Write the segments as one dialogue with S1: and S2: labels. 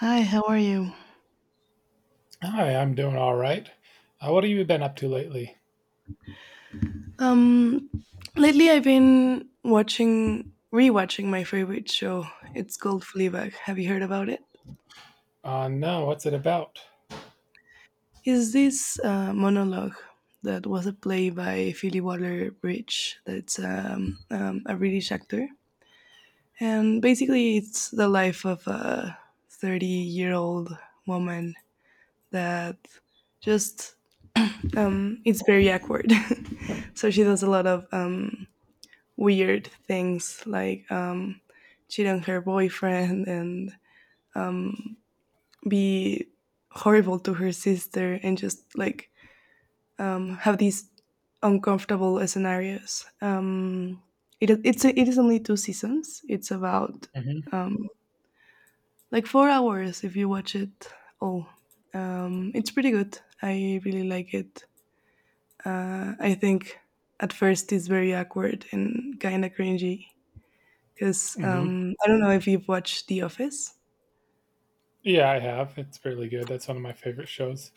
S1: Hi, how are you?
S2: Hi, I'm doing all right. What have you been up to lately?
S1: Um, lately I've been watching, rewatching my favorite show. It's called Fleabag. Have you heard about it?
S2: No, what's it about?
S1: Is this monologue that was a play by Phoebe Waller-Bridge? That's a British actor, and basically it's the life of a 30-year-old woman that just it's very awkward. So she does a lot of weird things like cheat on her boyfriend and um, be horrible to her sister and just like have these uncomfortable scenarios. It is only two seasons. It's about
S2: Hmm.
S1: um, like 4 hours if you watch it all. It's pretty good. I really like it. I think at first it's very awkward and kind of cringy, because
S2: Hmm.
S1: I don't know if you've watched The Office.
S2: Yeah, I have. It's really good. That's one of my favorite shows.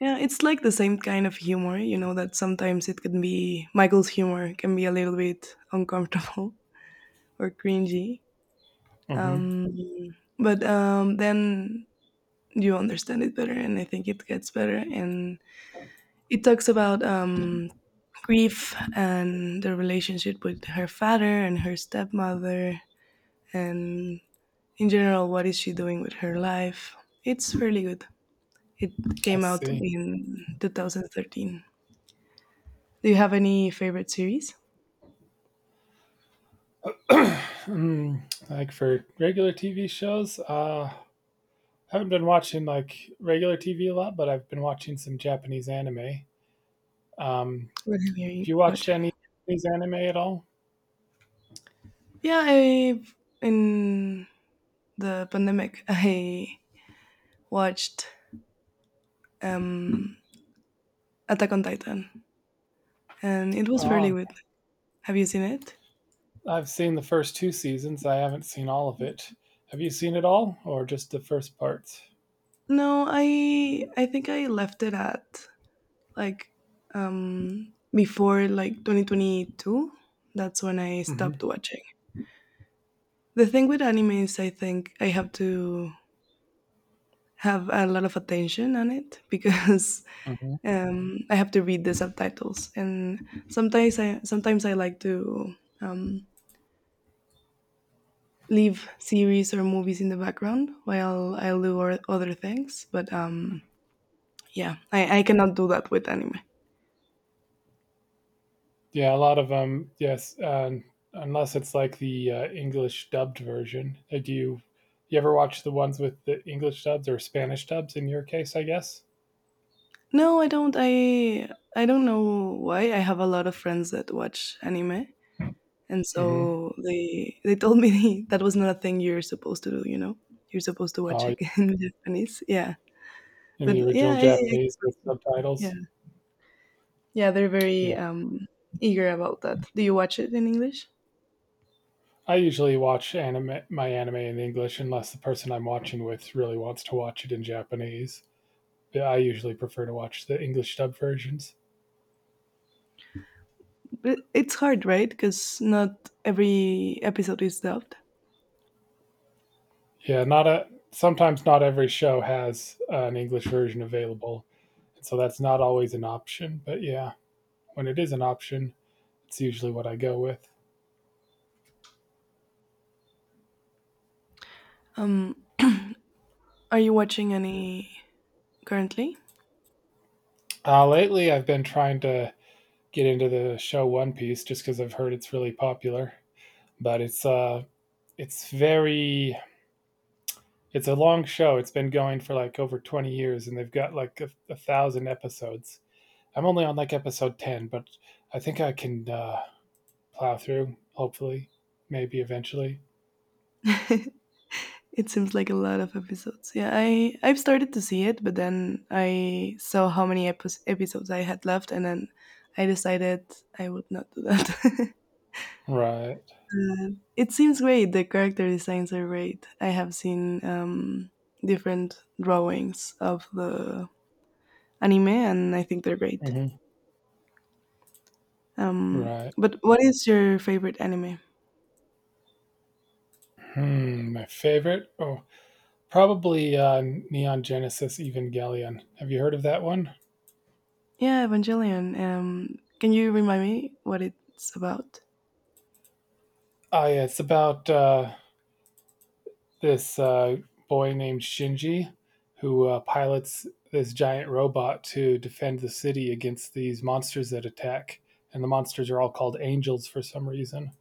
S1: Yeah, it's like the same kind of humor, you know, that sometimes it can be Michael's humor can be a little bit uncomfortable or cringy.
S2: Hmm.
S1: Um, but then you understand it better, and I think it gets better. And it talks about grief and the relationship with her father and her stepmother, and in general, what is she doing with her life. It's really good. It
S2: I
S1: came out
S2: see.
S1: in 2013. Do you have any favorite series?
S2: Like for regular TV shows, haven't been watching like regular TV a lot, but I've been watching some Japanese anime. Um,
S1: What have you
S2: have
S1: been
S2: you watched
S1: watching?
S2: any Japanese anime at all?
S1: Yeah, I in the pandemic I watched um, Attack on Titan, and it was fairly
S2: Um,
S1: good. Have you seen it?
S2: I've seen the first two seasons. I haven't seen all of it. Have you seen it all, or just the first parts?
S1: No, I think I left it at like before like 2022. That's when I stopped
S2: Hmm.
S1: watching. The thing with anime is I think I have to have a lot of attention on it because I have to read the subtitles, and sometimes I like to um, leave series or movies in the background while I'll do other things. But yeah, I cannot do that with anime.
S2: Yeah, a lot of them. Yes, unless it's like the English dubbed version. Do you ever watch the ones with the English dubs or Spanish dubs? In your case, I guess.
S1: No, I don't. I don't know why. I have a lot of friends that watch anime, and
S2: Hmm.
S1: so they told me that was not a thing you're supposed to do. You know, you're supposed to
S2: Oh,
S1: watch
S2: yeah,
S1: it in Japanese. Yeah,
S2: in
S1: but
S2: the
S1: yeah,
S2: original
S1: I
S2: Japanese with subtitles.
S1: yeah, yeah, they're
S2: Yeah,
S1: very eager about that. Do you watch it in English?
S2: I usually watch anime my anime in English unless the person I'm watching with really wants to watch it in Japanese. Yeah, I usually prefer to watch the English dub versions.
S1: But it's hard, right? Because not every episode is dubbed.
S2: Yeah, not a sometimes not every show has an English version available. So that's not always an option, but yeah, when it is an option, it's usually what I go with.
S1: Um, are you watching any currently?
S2: Lately, I've been trying to get into the show One Piece just because I've heard it's really popular. But it's uh, it's very it's a long show. It's been going for like over 20 years, and they've got like a thousand episodes. I'm only on like episode 10, but I think I can plow through. Hopefully, maybe eventually.
S1: It seems like a lot of episodes. Yeah, I've started to see it, but then I saw how many episodes I had left, and then I decided I would not do that.
S2: Right.
S1: It seems great. The character designs are great. I have seen different drawings of the anime, and I think they're great.
S2: Mhm.
S1: Um,
S2: Right.
S1: but what is your favorite anime?
S2: Hmm, my favorite? Oh, probably, Neon Genesis Evangelion. Have you heard of that one?
S1: Yeah, Evangelion. Can you remind me what it's about?
S2: Ah, yeah, it's about, this, boy named Shinji who, pilots this giant robot to defend the city against these monsters that attack, and the monsters are all called angels for some reason,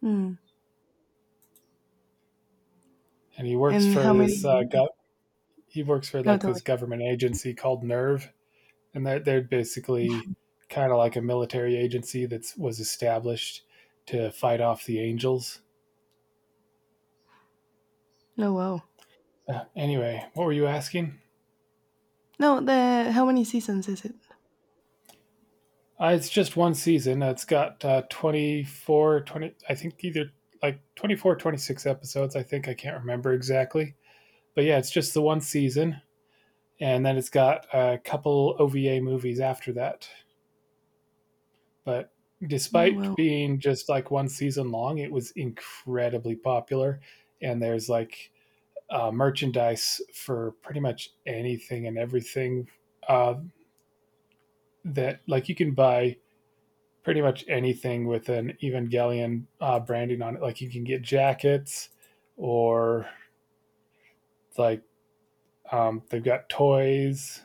S1: Hmm.
S2: and
S1: And how many?
S2: he works for,
S1: No,
S2: like,
S1: tell me.
S2: this government agency called NERV, and they're basically kind of like a military agency that was established to fight off the angels.
S1: No, wow.
S2: Anyway, what were you asking?
S1: No, the how many seasons is it?
S2: It's just one season. It's got 24, 20, I think either like 24, 26 episodes. I think I can't remember exactly. But yeah, it's just the one season. And then it's got a couple OVA movies after that. But
S1: Oh,
S2: despite
S1: wow.
S2: being just like one season long, it was incredibly popular. And there's like merchandise for pretty much anything and everything uh, that like you can buy pretty much anything with an Evangelion branding on it, like you can get jackets or like they've got toys,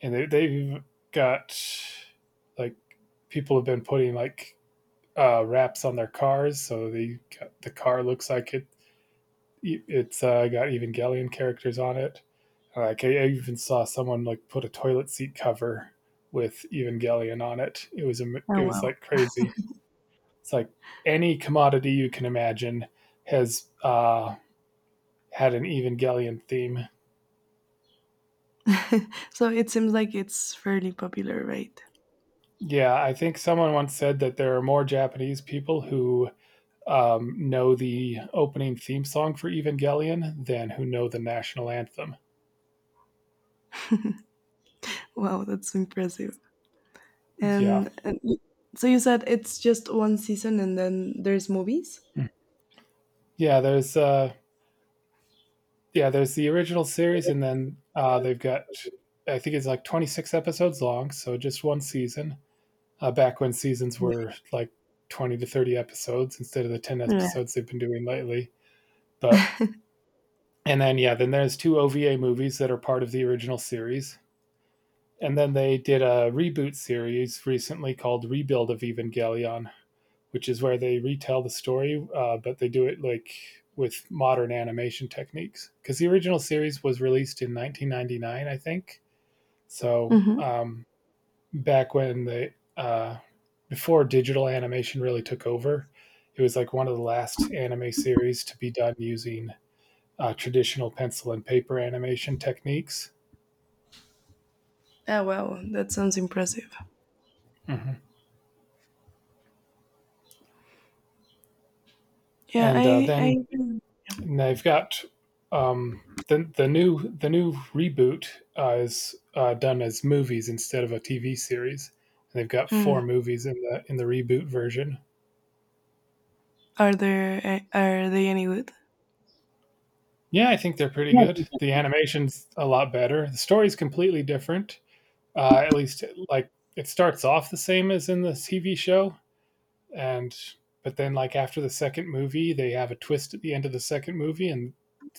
S2: and they've got, like, people have been putting like wraps on their cars so the car looks like it's got Evangelion characters on it. Like, I even saw someone like put a toilet seat cover with Evangelion on it. It
S1: Oh,
S2: was
S1: wow.
S2: like crazy. It's like any commodity you can imagine has had an Evangelion theme.
S1: So it seems like it's fairly popular, right?
S2: Yeah, I think someone once said that there are more Japanese people who know the opening theme song for Evangelion than who know the national anthem.
S1: Wow, that's impressive.
S2: Yeah,
S1: And so you said it's just one season and then there's movies?
S2: yeah. There's the original series, and then they've got, I think it's like 26 episodes long, so just one season. Back when seasons were like 20 to 30 episodes instead of the 10
S1: Yeah.
S2: episodes they've been doing lately. But then there's two OVA movies that are part of the original series. And then they did a reboot series recently called Rebuild of Evangelion, which is where they retell the story, but they do it like with modern animation techniques, because the original series was released in 1999, I think. So
S1: Mm-hmm.
S2: back when the before digital animation really took over, it was like one of the last anime series to be done using traditional pencil and paper animation techniques.
S1: Oh, wow, that sounds impressive.
S2: Mm-hmm.
S1: Yeah,
S2: And uh,
S1: I
S2: then And um, the new reboot is done as movies instead of a TV series. And they've got four
S1: hmm.
S2: movies in the reboot version.
S1: Are are they any good?
S2: Yeah, I think they're pretty good. The animation's a lot better. The story's completely different. At least, like, it starts off the same as in the TV show, and but then like after the second movie they have a twist at the end of the second movie, and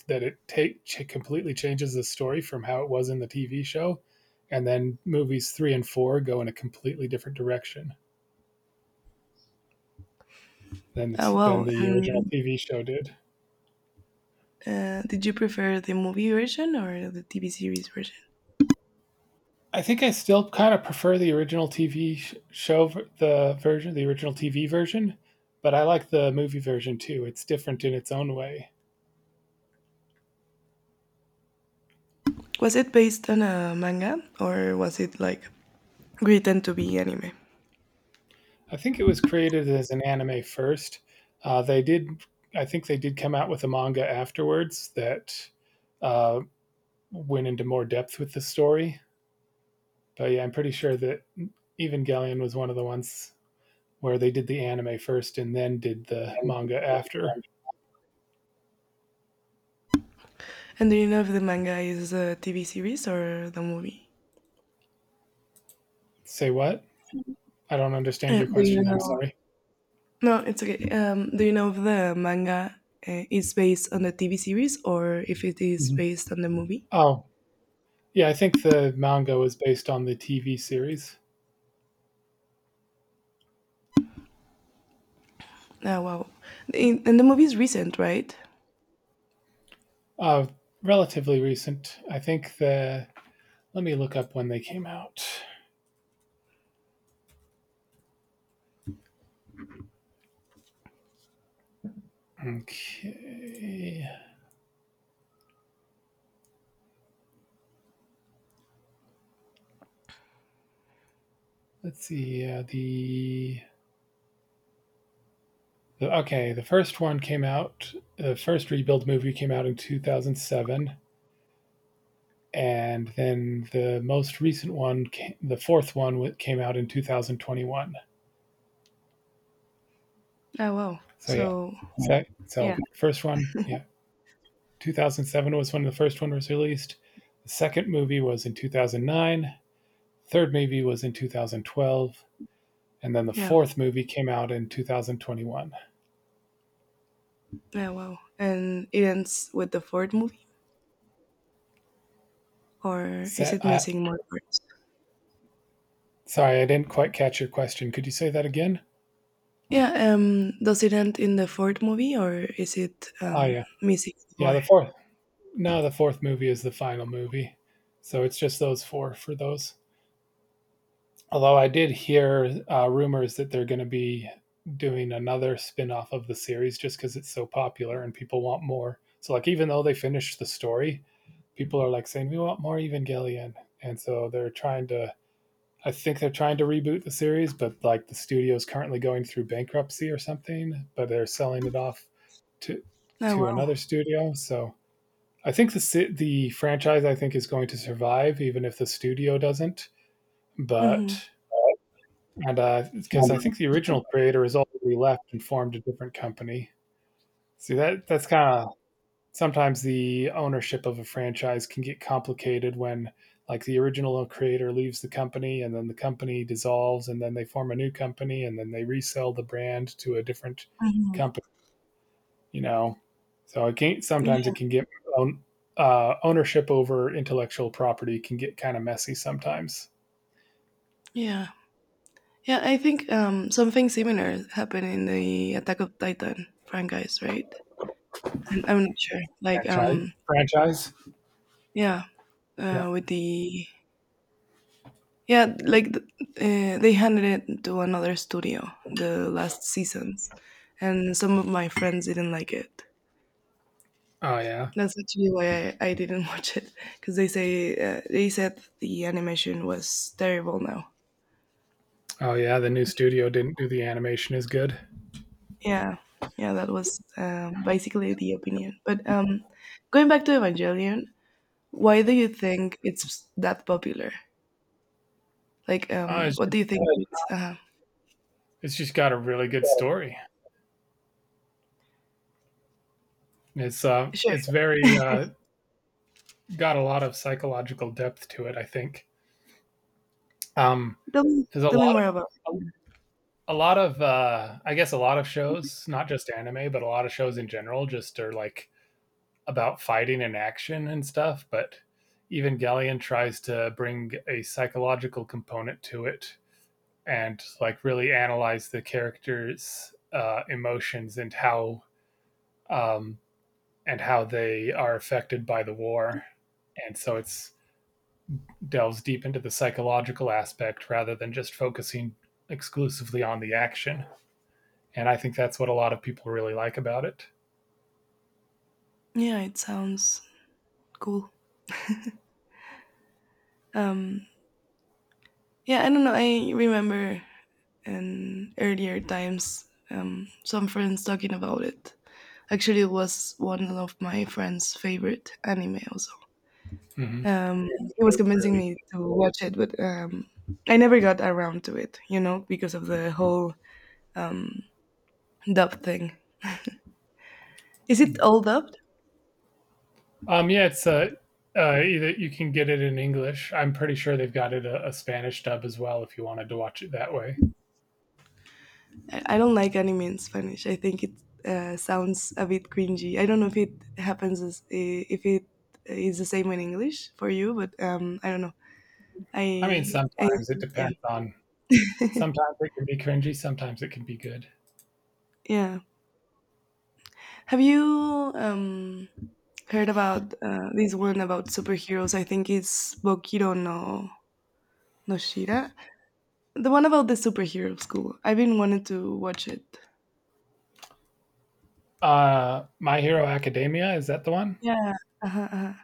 S2: that completely changes the story from how it was in the TV show. And then movies 3 and 4 go in a completely different direction than the
S1: Oh,
S2: t- than
S1: wow!
S2: the original
S1: And
S2: TV show did.
S1: did you prefer the movie version or the TV series version?
S2: I think I still kind of prefer the original TV show the version, the original TV version, but I like the movie version too. It's different in its own way.
S1: Was it based on a manga or was it like written to be anime?
S2: I think it was created as an anime first. Uh, they did, I think they did come out with a manga afterwards that uh, went into more depth with the story. But yeah, I'm pretty sure that Evangelion was one of the ones where they did the anime first and then did the manga after.
S1: And do you know if the manga is a TV series or the movie?
S2: Say what? I don't understand your
S1: Do you
S2: question. I'm
S1: know?
S2: sorry.
S1: No, it's okay. Do you know if the manga is based on the TV series or if it is
S2: Mhm.
S1: based on the movie?
S2: Oh, yeah, I think the manga was based on the TV series.
S1: Oh, wow! In, and the movie is recent, right?
S2: Uh, relatively recent. I think the. Let me look up when they came out. Okay. Let's see. The first one came out. The first rebuild movie came out in 2007, and then the most recent one, the fourth one, came out in 2021.
S1: Oh, wow!
S2: So yeah.
S1: So
S2: So
S1: yeah,
S2: so first one, yeah, 2007 was when the first one was released. The second movie was in 2009. Third movie was in 2012, and then the
S1: yeah.
S2: fourth movie came out in 2021.
S1: Yeah, wow. And it ends with the fourth movie, or is
S2: Set,
S1: it missing more parts?
S2: Sorry, I didn't quite catch your question. Could you say that again?
S1: Yeah, does it end in the fourth movie, or is it
S2: Oh yeah,
S1: missing
S2: yeah.
S1: more?
S2: The fourth, no, the fourth movie is the final movie, so it's just those four, for those. Although I did hear rumors that they're going to be doing another spin-off of the series just because it's so popular and people want more. So, like, even though they finished the story, people are like saying we want more Evangelion, and so they're trying to reboot the series, but like the studio is currently going through bankruptcy or something, but they're selling it off to
S1: Oh, wow.
S2: another studio. So I think the franchise I think is going to survive even if the studio doesn't.
S1: Mm-hmm.
S2: But and because I think the original creator has already left and formed a different company. See, that's kind of, sometimes the ownership of a franchise can get complicated when like the original creator leaves the company, and then the company dissolves, and then they form a new company, and then they resell the brand to a different
S1: Mm-hmm.
S2: company you know so it can, sometimes
S1: Yeah.
S2: it can get ownership over intellectual property can get kind of messy sometimes.
S1: Yeah. Yeah, I think something similar happened in the Attack of Titan franchise, right? And I'm not sure. Like,
S2: Franchise. franchise
S1: yeah,
S2: Yeah.
S1: with the. Yeah, like they handed it to another studio the last seasons, and some of my friends didn't like it.
S2: Oh yeah.
S1: That's actually why I didn't watch it because they say they said the animation was terrible now.
S2: Oh yeah, the new studio didn't do the animation as good.
S1: Yeah, yeah, that was basically the opinion. But going back to Evangelion, why do you think it's that popular? Like,
S2: uh, it's,
S1: what
S2: just,
S1: do you think? Right. It's,
S2: it's just got a really good story.
S1: sure,
S2: It's very got a lot of psychological depth to it. I think um, there's a
S1: tell me
S2: lot of,
S1: more about it.
S2: a, I guess a lot of shows, not just anime, but a lot of shows in general, just are like about fighting and action and stuff. But Evangelion tries to bring a psychological component to it and like really analyze the characters' emotions and how um, and how they are affected by the war. And so it's, delves deep into the psychological aspect rather than just focusing exclusively on the action. And I think that's what a lot of people really like about it.
S1: Yeah, it sounds cool. Um, Yeah, I don't know. I remember in earlier times some friends talking about it. Actually, it was one of my friend's favorite anime also.
S2: Hmm.
S1: Um, he was
S2: It's
S1: convincing
S2: really,
S1: me to watch it, but I never got around to it, you know, because of the whole dub thing. Is it all dubbed?
S2: yeah, it's a, either you can get it in English. I'm pretty sure they've got it a Spanish dub as well if you wanted to watch it that way.
S1: I don't like anime in Spanish. I think it sounds a bit cringy. I don't know if it happens, as, if it is the same in English for you, but I don't know.
S2: I mean,
S1: I
S2: sometimes it
S1: yeah,
S2: depends on. Sometimes it can be cringy. Sometimes it can be good.
S1: yeah. Have you heard about this one about superheroes? I think it's Bokiro no no Shira, the one about the superhero school. I've been wanting to watch it.
S2: My Hero Academia, is that the one?
S1: Yeah, uh-huh, uh-huh.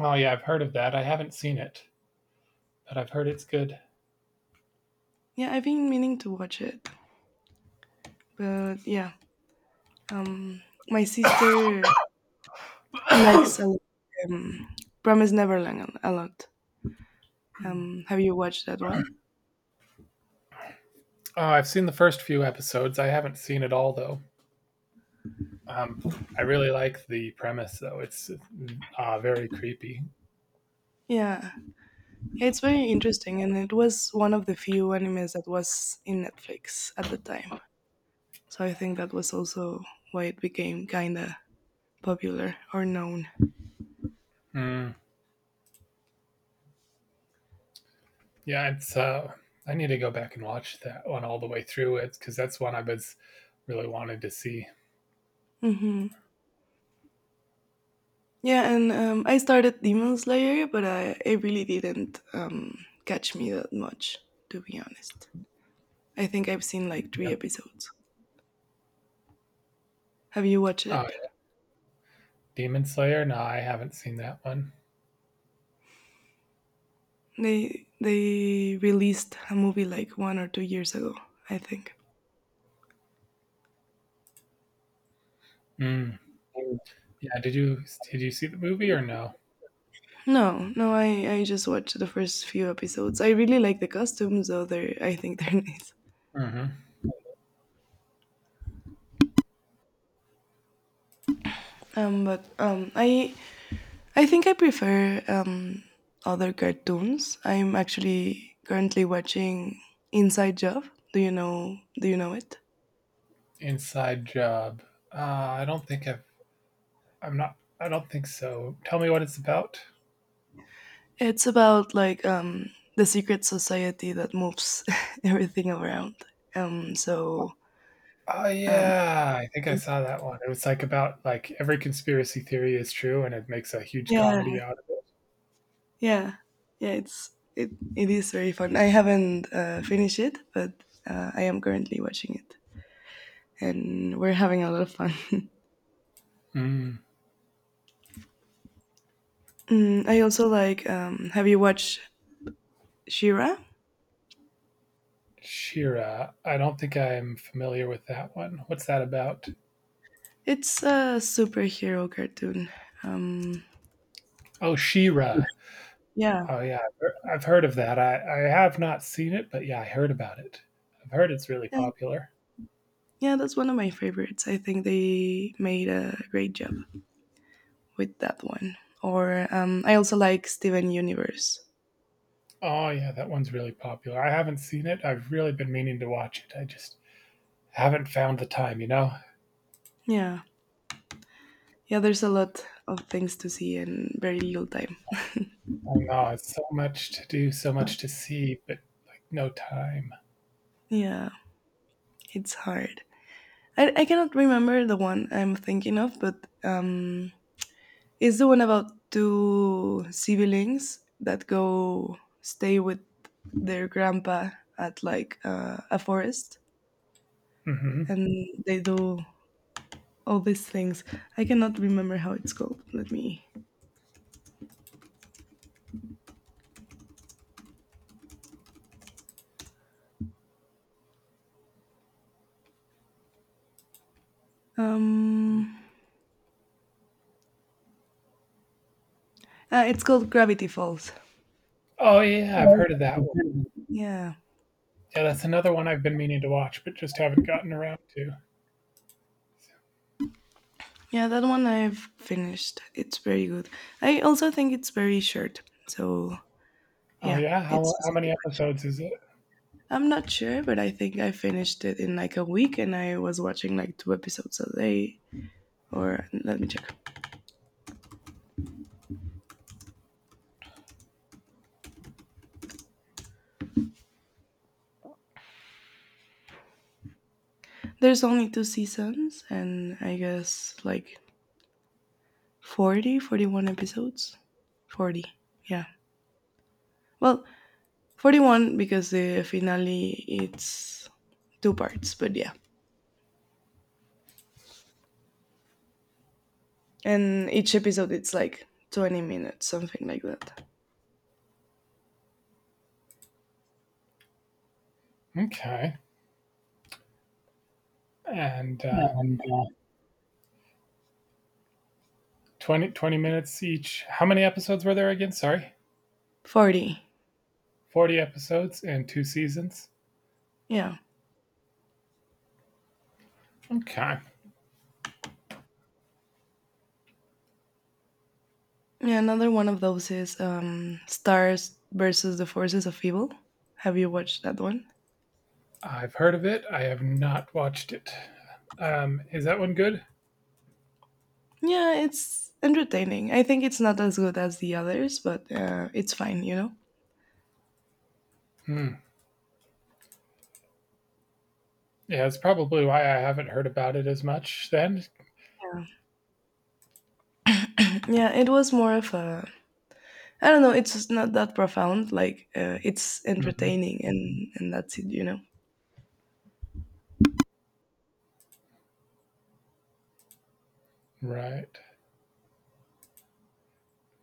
S2: Oh yeah, I've heard of that. I haven't seen it, but I've heard it's good.
S1: Yeah. I've been meaning to watch it, but yeah. Um, my sister likes um, Promise Neverland a lot. Have you watched that one?
S2: Oh, I've seen the first few episodes. I haven't seen it all though. Um, I really like the premise though. It's very creepy.
S1: Yeah. It's very interesting, and it was one of the few animes that was in Netflix at the time. So I think that was also why it became kinda popular or known.
S2: Mm, yeah, it's. I need to go back and watch that one all the way through, it because that's one I was really wanted to see.
S1: Hmm. Yeah, and I started Demon Slayer, but I, it really didn't catch me that much, to be honest. I think I've seen like three
S2: Yeah.
S1: episodes. Have you watched
S2: Uh,
S1: it?
S2: Demon Slayer. No, I haven't seen that one.
S1: They released a movie like 1 or 2 years ago, I think.
S2: Mm. Yeah. Did you see the movie or no?
S1: No, no, I just watched the first few episodes. I really like the costumes, though. They're I think they're nice.
S2: Hmm.
S1: But I think I prefer other cartoons. I'm actually currently watching Inside Job. Do you know it?
S2: Inside Job. I don't think I've. I'm not. I don't think so. Tell me what it's about.
S1: It's about like the secret society that moves everything around. So
S2: Oh
S1: um,
S2: yeah, I think I saw that one. It was like about like every conspiracy theory is true, and it makes a huge comedy
S1: yeah,
S2: out of it.
S1: yeah, yeah, it it is very fun. I haven't finished it, but I am currently watching it, and we're having a lot of fun.
S2: Mm.
S1: Mm, I also like. Have you watched Shira?
S2: Shira, I don't think I'm familiar with that one. What's that about?
S1: It's a superhero cartoon. Um,
S2: Oh, Shira.
S1: yeah,
S2: Oh yeah, I've heard of that. I have not seen it, but yeah, I heard about it. I've heard it's really
S1: yeah,
S2: popular.
S1: yeah. That's one of my favorites. I think they made a great job with that one. Or I also like Steven Universe.
S2: Oh yeah, that one's really popular. I haven't seen it. I've really been meaning to watch it. I just haven't found the time.
S1: Yeah, yeah. There's a lot of things to see and very little time.
S2: Oh no, it's so much to do, so much to see, but like no time.
S1: Yeah. It's hard. I cannot remember the one I'm thinking of, but um, it's the one about two siblings that go stay with their grandpa at like a forest
S2: Mhm.
S1: and they do all these things. I cannot remember how it's called. Let me. Um, it's called Gravity Falls.
S2: Oh, yeah, I've heard of that one.
S1: Yeah.
S2: Yeah, that's another one I've been meaning to watch, but just haven't gotten around to.
S1: Yeah, that one I've finished. It's very good. I also think it's very short. So,
S2: Oh,
S1: yeah,
S2: yeah? How
S1: it's
S2: how
S1: easy to
S2: many
S1: watch.
S2: episodes is it?
S1: I'm not sure, but I think I finished it in like a week and I was watching like two episodes a day. Or let me check. There's only two seasons and I guess like 40, 41 episodes. 40, yeah. Well, 41 because the finale it's two parts, but yeah. And each episode it's like 20 minutes, something like that.
S2: Okay. And,
S1: Yeah, and
S2: 20 twenty minutes each. How many episodes were there again? Sorry.
S1: 40,
S2: 40 episodes and 2 seasons?
S1: yeah.
S2: Okay.
S1: Yeah, another one of those is Stars versus the Forces of Evil. Have you watched that one?
S2: I've heard of it. I have not watched it. Is that one good?
S1: Yeah, it's entertaining. I think it's not as good as the others, but it's fine, you know?
S2: Hmm. Yeah, it's probably why I haven't heard about it as much then.
S1: Yeah, it was more of a. I don't know, it's just not that profound. Like, it's
S2: Mhm.
S1: entertaining and that's it, you know?
S2: Right.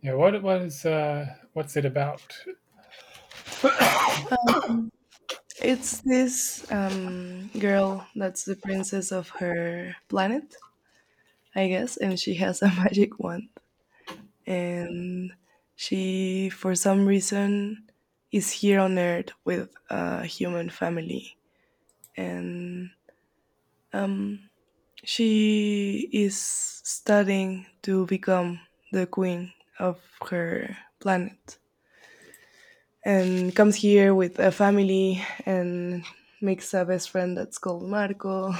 S2: Yeah, what's it about?
S1: It's this girl that's the princess of her planet, I guess, and she has a magic wand. And she for some reason is here on earth with a human family and um, she is studying to become the queen of her planet and comes here with a family and makes a best friend that's called Marco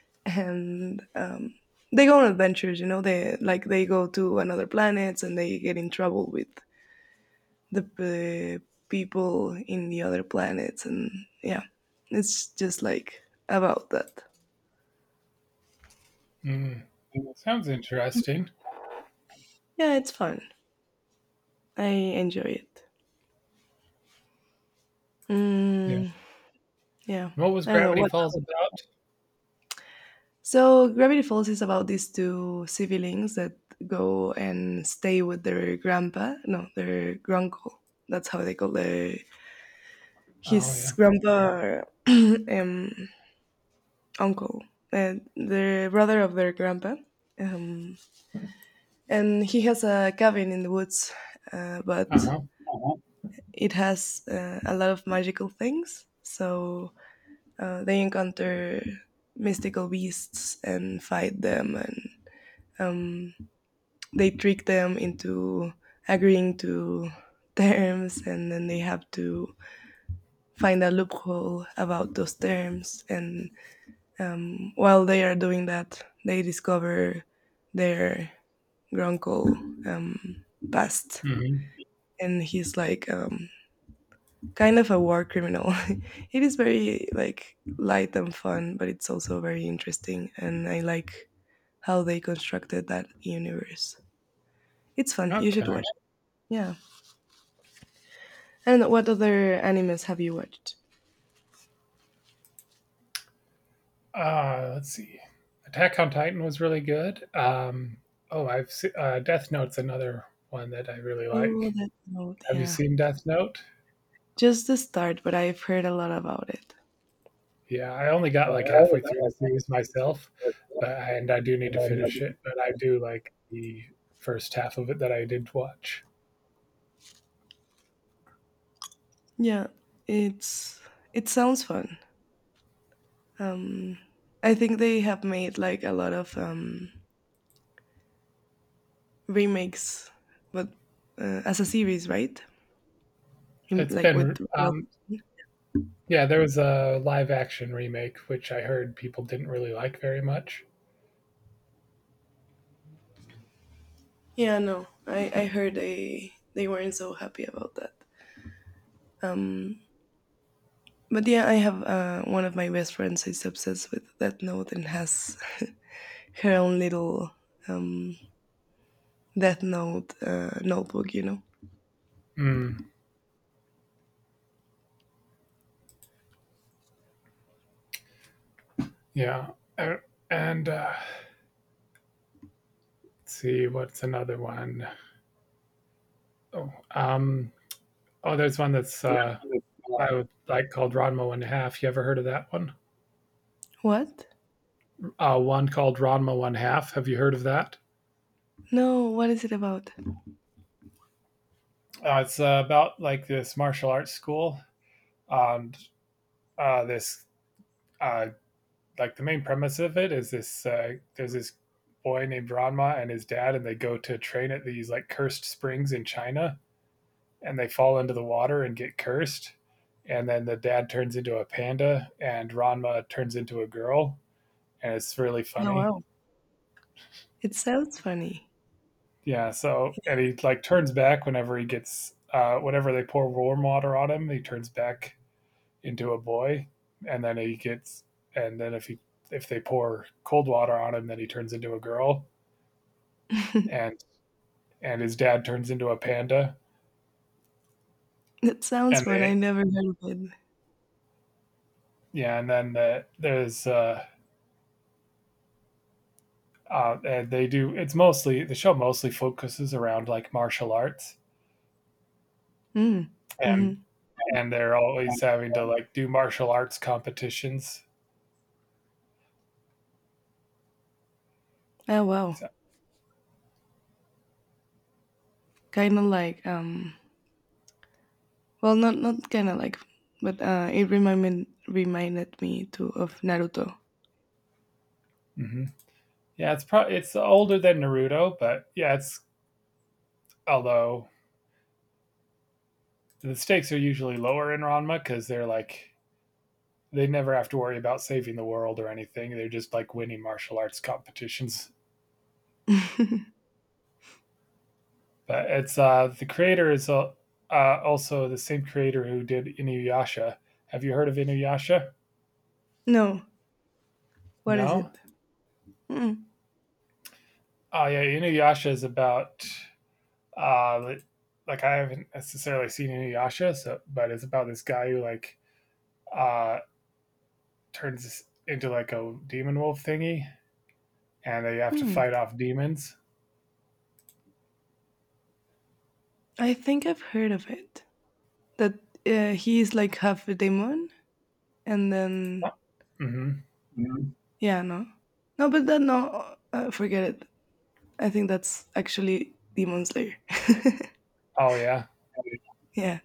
S1: and they go on adventures, you know, they like they go to another planets and they get in trouble with the people in the other planets and yeah, it's just like about that.
S2: Hmm. Sounds interesting.
S1: Yeah, it's fun. I enjoy it.
S2: Yeah.
S1: Mm, yeah,
S2: What was
S1: I don't know
S2: Gravity
S1: what.
S2: Falls about?
S1: So Gravity Falls is about these two siblings that go and stay with their grandpa, no, their granduncle, that's how they call their
S2: Oh, yeah.
S1: his grandpa or uncle and the brother of their grandpa, um, and he has a cabin in the woods, but
S2: Uh-huh.
S1: uh-huh. It has a lot of magical things. So they encounter mystical beasts and fight them, and um, they trick them into agreeing to terms, and then they have to find a loophole about those terms. And while they are doing that, they discover their grunkle um, past,
S2: Mhm.
S1: and he's like kind of a war criminal. It is very like light and fun, but it's also very interesting, and I like how they constructed that universe. It's fun. You should watch
S2: Okay.
S1: it. Yeah. And what other animes have you watched?
S2: Let's see. Attack on Titan was really good. Oh, I've se Death Note's another one that I really
S1: Oh,
S2: like.
S1: that note.
S2: Have you
S1: Yeah,
S2: seen Death Note?
S1: just the start, but I've heard a lot about it.
S2: Yeah, I only got, like, halfway through the series myself, but and I do need to finish it, but I do like the first half of it that I did watch.
S1: Yeah, it's it sounds fun. Um, I think they have made like a lot of remakes, but as a series, right? In,
S2: It's
S1: like with
S2: been,
S1: real.
S2: um Yeah, there was a live action remake, which I heard people didn't really like very much.
S1: Yeah, no, I heard they weren't so happy about that. Um, but yeah, I have one of my best friends is obsessed with Death Note and has her own little um, Death Note notebook. You know.
S2: Mm, yeah. Uh, and let's see, what's another one? Oh, um, oh, there's one that's I would like called Ranma One Half. You ever heard of that one?
S1: What?
S2: One called Ranma One Half. Have you heard of that?
S1: No, what is it about?
S2: It's about like this martial arts school and this uh, like the main premise of it is this there's this boy named Ranma and his dad, and they go to train at these like cursed springs in China, and they fall into the water and get cursed. And then the dad turns into a panda, and Ranma turns into a girl, and it's really
S1: Oh,
S2: funny.
S1: wow, it sounds funny.
S2: Yeah, so and he like turns back whenever he gets whenever they pour warm water on him, he turns back into a boy, and then and then if he if they pour cold water on him, then he turns into a girl. And and his dad turns into a panda,
S1: That sounds
S2: and
S1: fun. I
S2: they,
S1: never heard of it.
S2: yeah, and then the, there's and they do. It's mostly the show mostly focuses around like martial arts,
S1: Mm. Hmm.
S2: and they're always having to like do martial arts competitions.
S1: Oh, wow,
S2: So,
S1: kind of like not kind of like, but it reminded me too of Naruto.
S2: hmm yeah, it's probably it's older than Naruto, but yeah, it's although the stakes are usually lower in Ranma because they're like they never have to worry about saving the world or anything. They're just like winning martial arts competitions. But it's the creator is also the same creator who did Inuyasha. Have you heard of Inuyasha?
S1: No, what is
S2: No.
S1: it? Mm.
S2: Oh yeah, Inuyasha is about uh, like I haven't necessarily seen Inuyasha, so but it's about this guy who like uh, turns into like a demon wolf thingy, and they have to
S1: Hmm.
S2: fight off demons.
S1: I think I've heard of it. That he is like half a demon, and then
S2: Hmm.
S1: mhm. Yeah, no, no, but that no, forget it. I think that's actually Demon Slayer.
S2: Oh yeah,
S1: Yeah.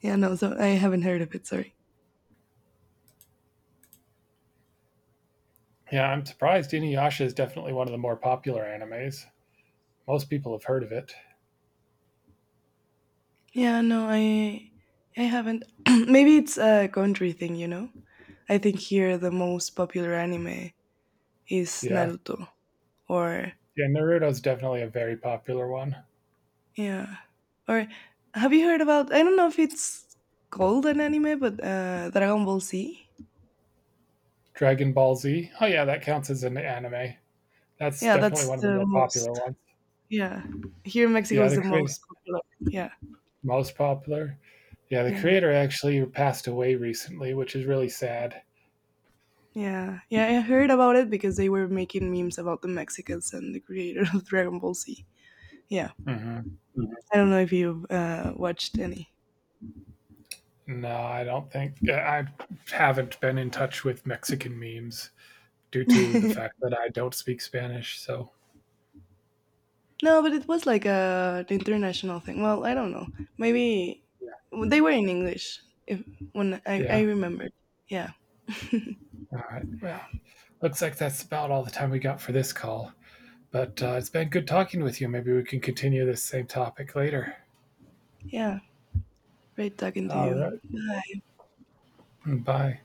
S1: Yeah, no, so I haven't heard of it, sorry.
S2: yeah. I'm surprised. Inuyasha is definitely one of the more popular animes. Most people have heard of it.
S1: Yeah, no, I haven't. Maybe it's a country thing, you know? I think here the most popular anime is
S2: Yeah.
S1: Naruto or
S2: Yeah, Naruto's definitely a very popular one.
S1: yeah. Or have you heard about I don't know if it's called an anime, but Dragon Ball Z?
S2: Dragon Ball Z. Oh yeah, that counts as an anime. That's
S1: Yeah,
S2: definitely
S1: that's
S2: one of the
S1: the
S2: more
S1: most.
S2: popular ones.
S1: Yeah. Here in Mexico
S2: Yeah,
S1: is
S2: the
S1: the
S2: crea
S1: most popular. Yeah.
S2: most popular. Yeah, the
S1: Yeah.
S2: creator actually passed away recently, which is really sad.
S1: Yeah, yeah, I heard about it because they were making memes about the Mexicans and the creator of Dragon Ball Z. Yeah.
S2: Mhm.
S1: Mhm. I don't know if you've watched any.
S2: No, I don't think I haven't been in touch with Mexican memes due to the fact that I don't speak Spanish, so
S1: No, but it was like a an international thing. Well, I don't know. Maybe
S2: yeah.
S1: they were in English. If when I
S2: Yeah.
S1: remembered. Yeah,
S2: All right. Well, looks like that's about all the time we got for this call. But it's been good talking with you. Maybe we can continue this same topic later.
S1: yeah. Great talking to
S2: All
S1: you.
S2: right. Bye.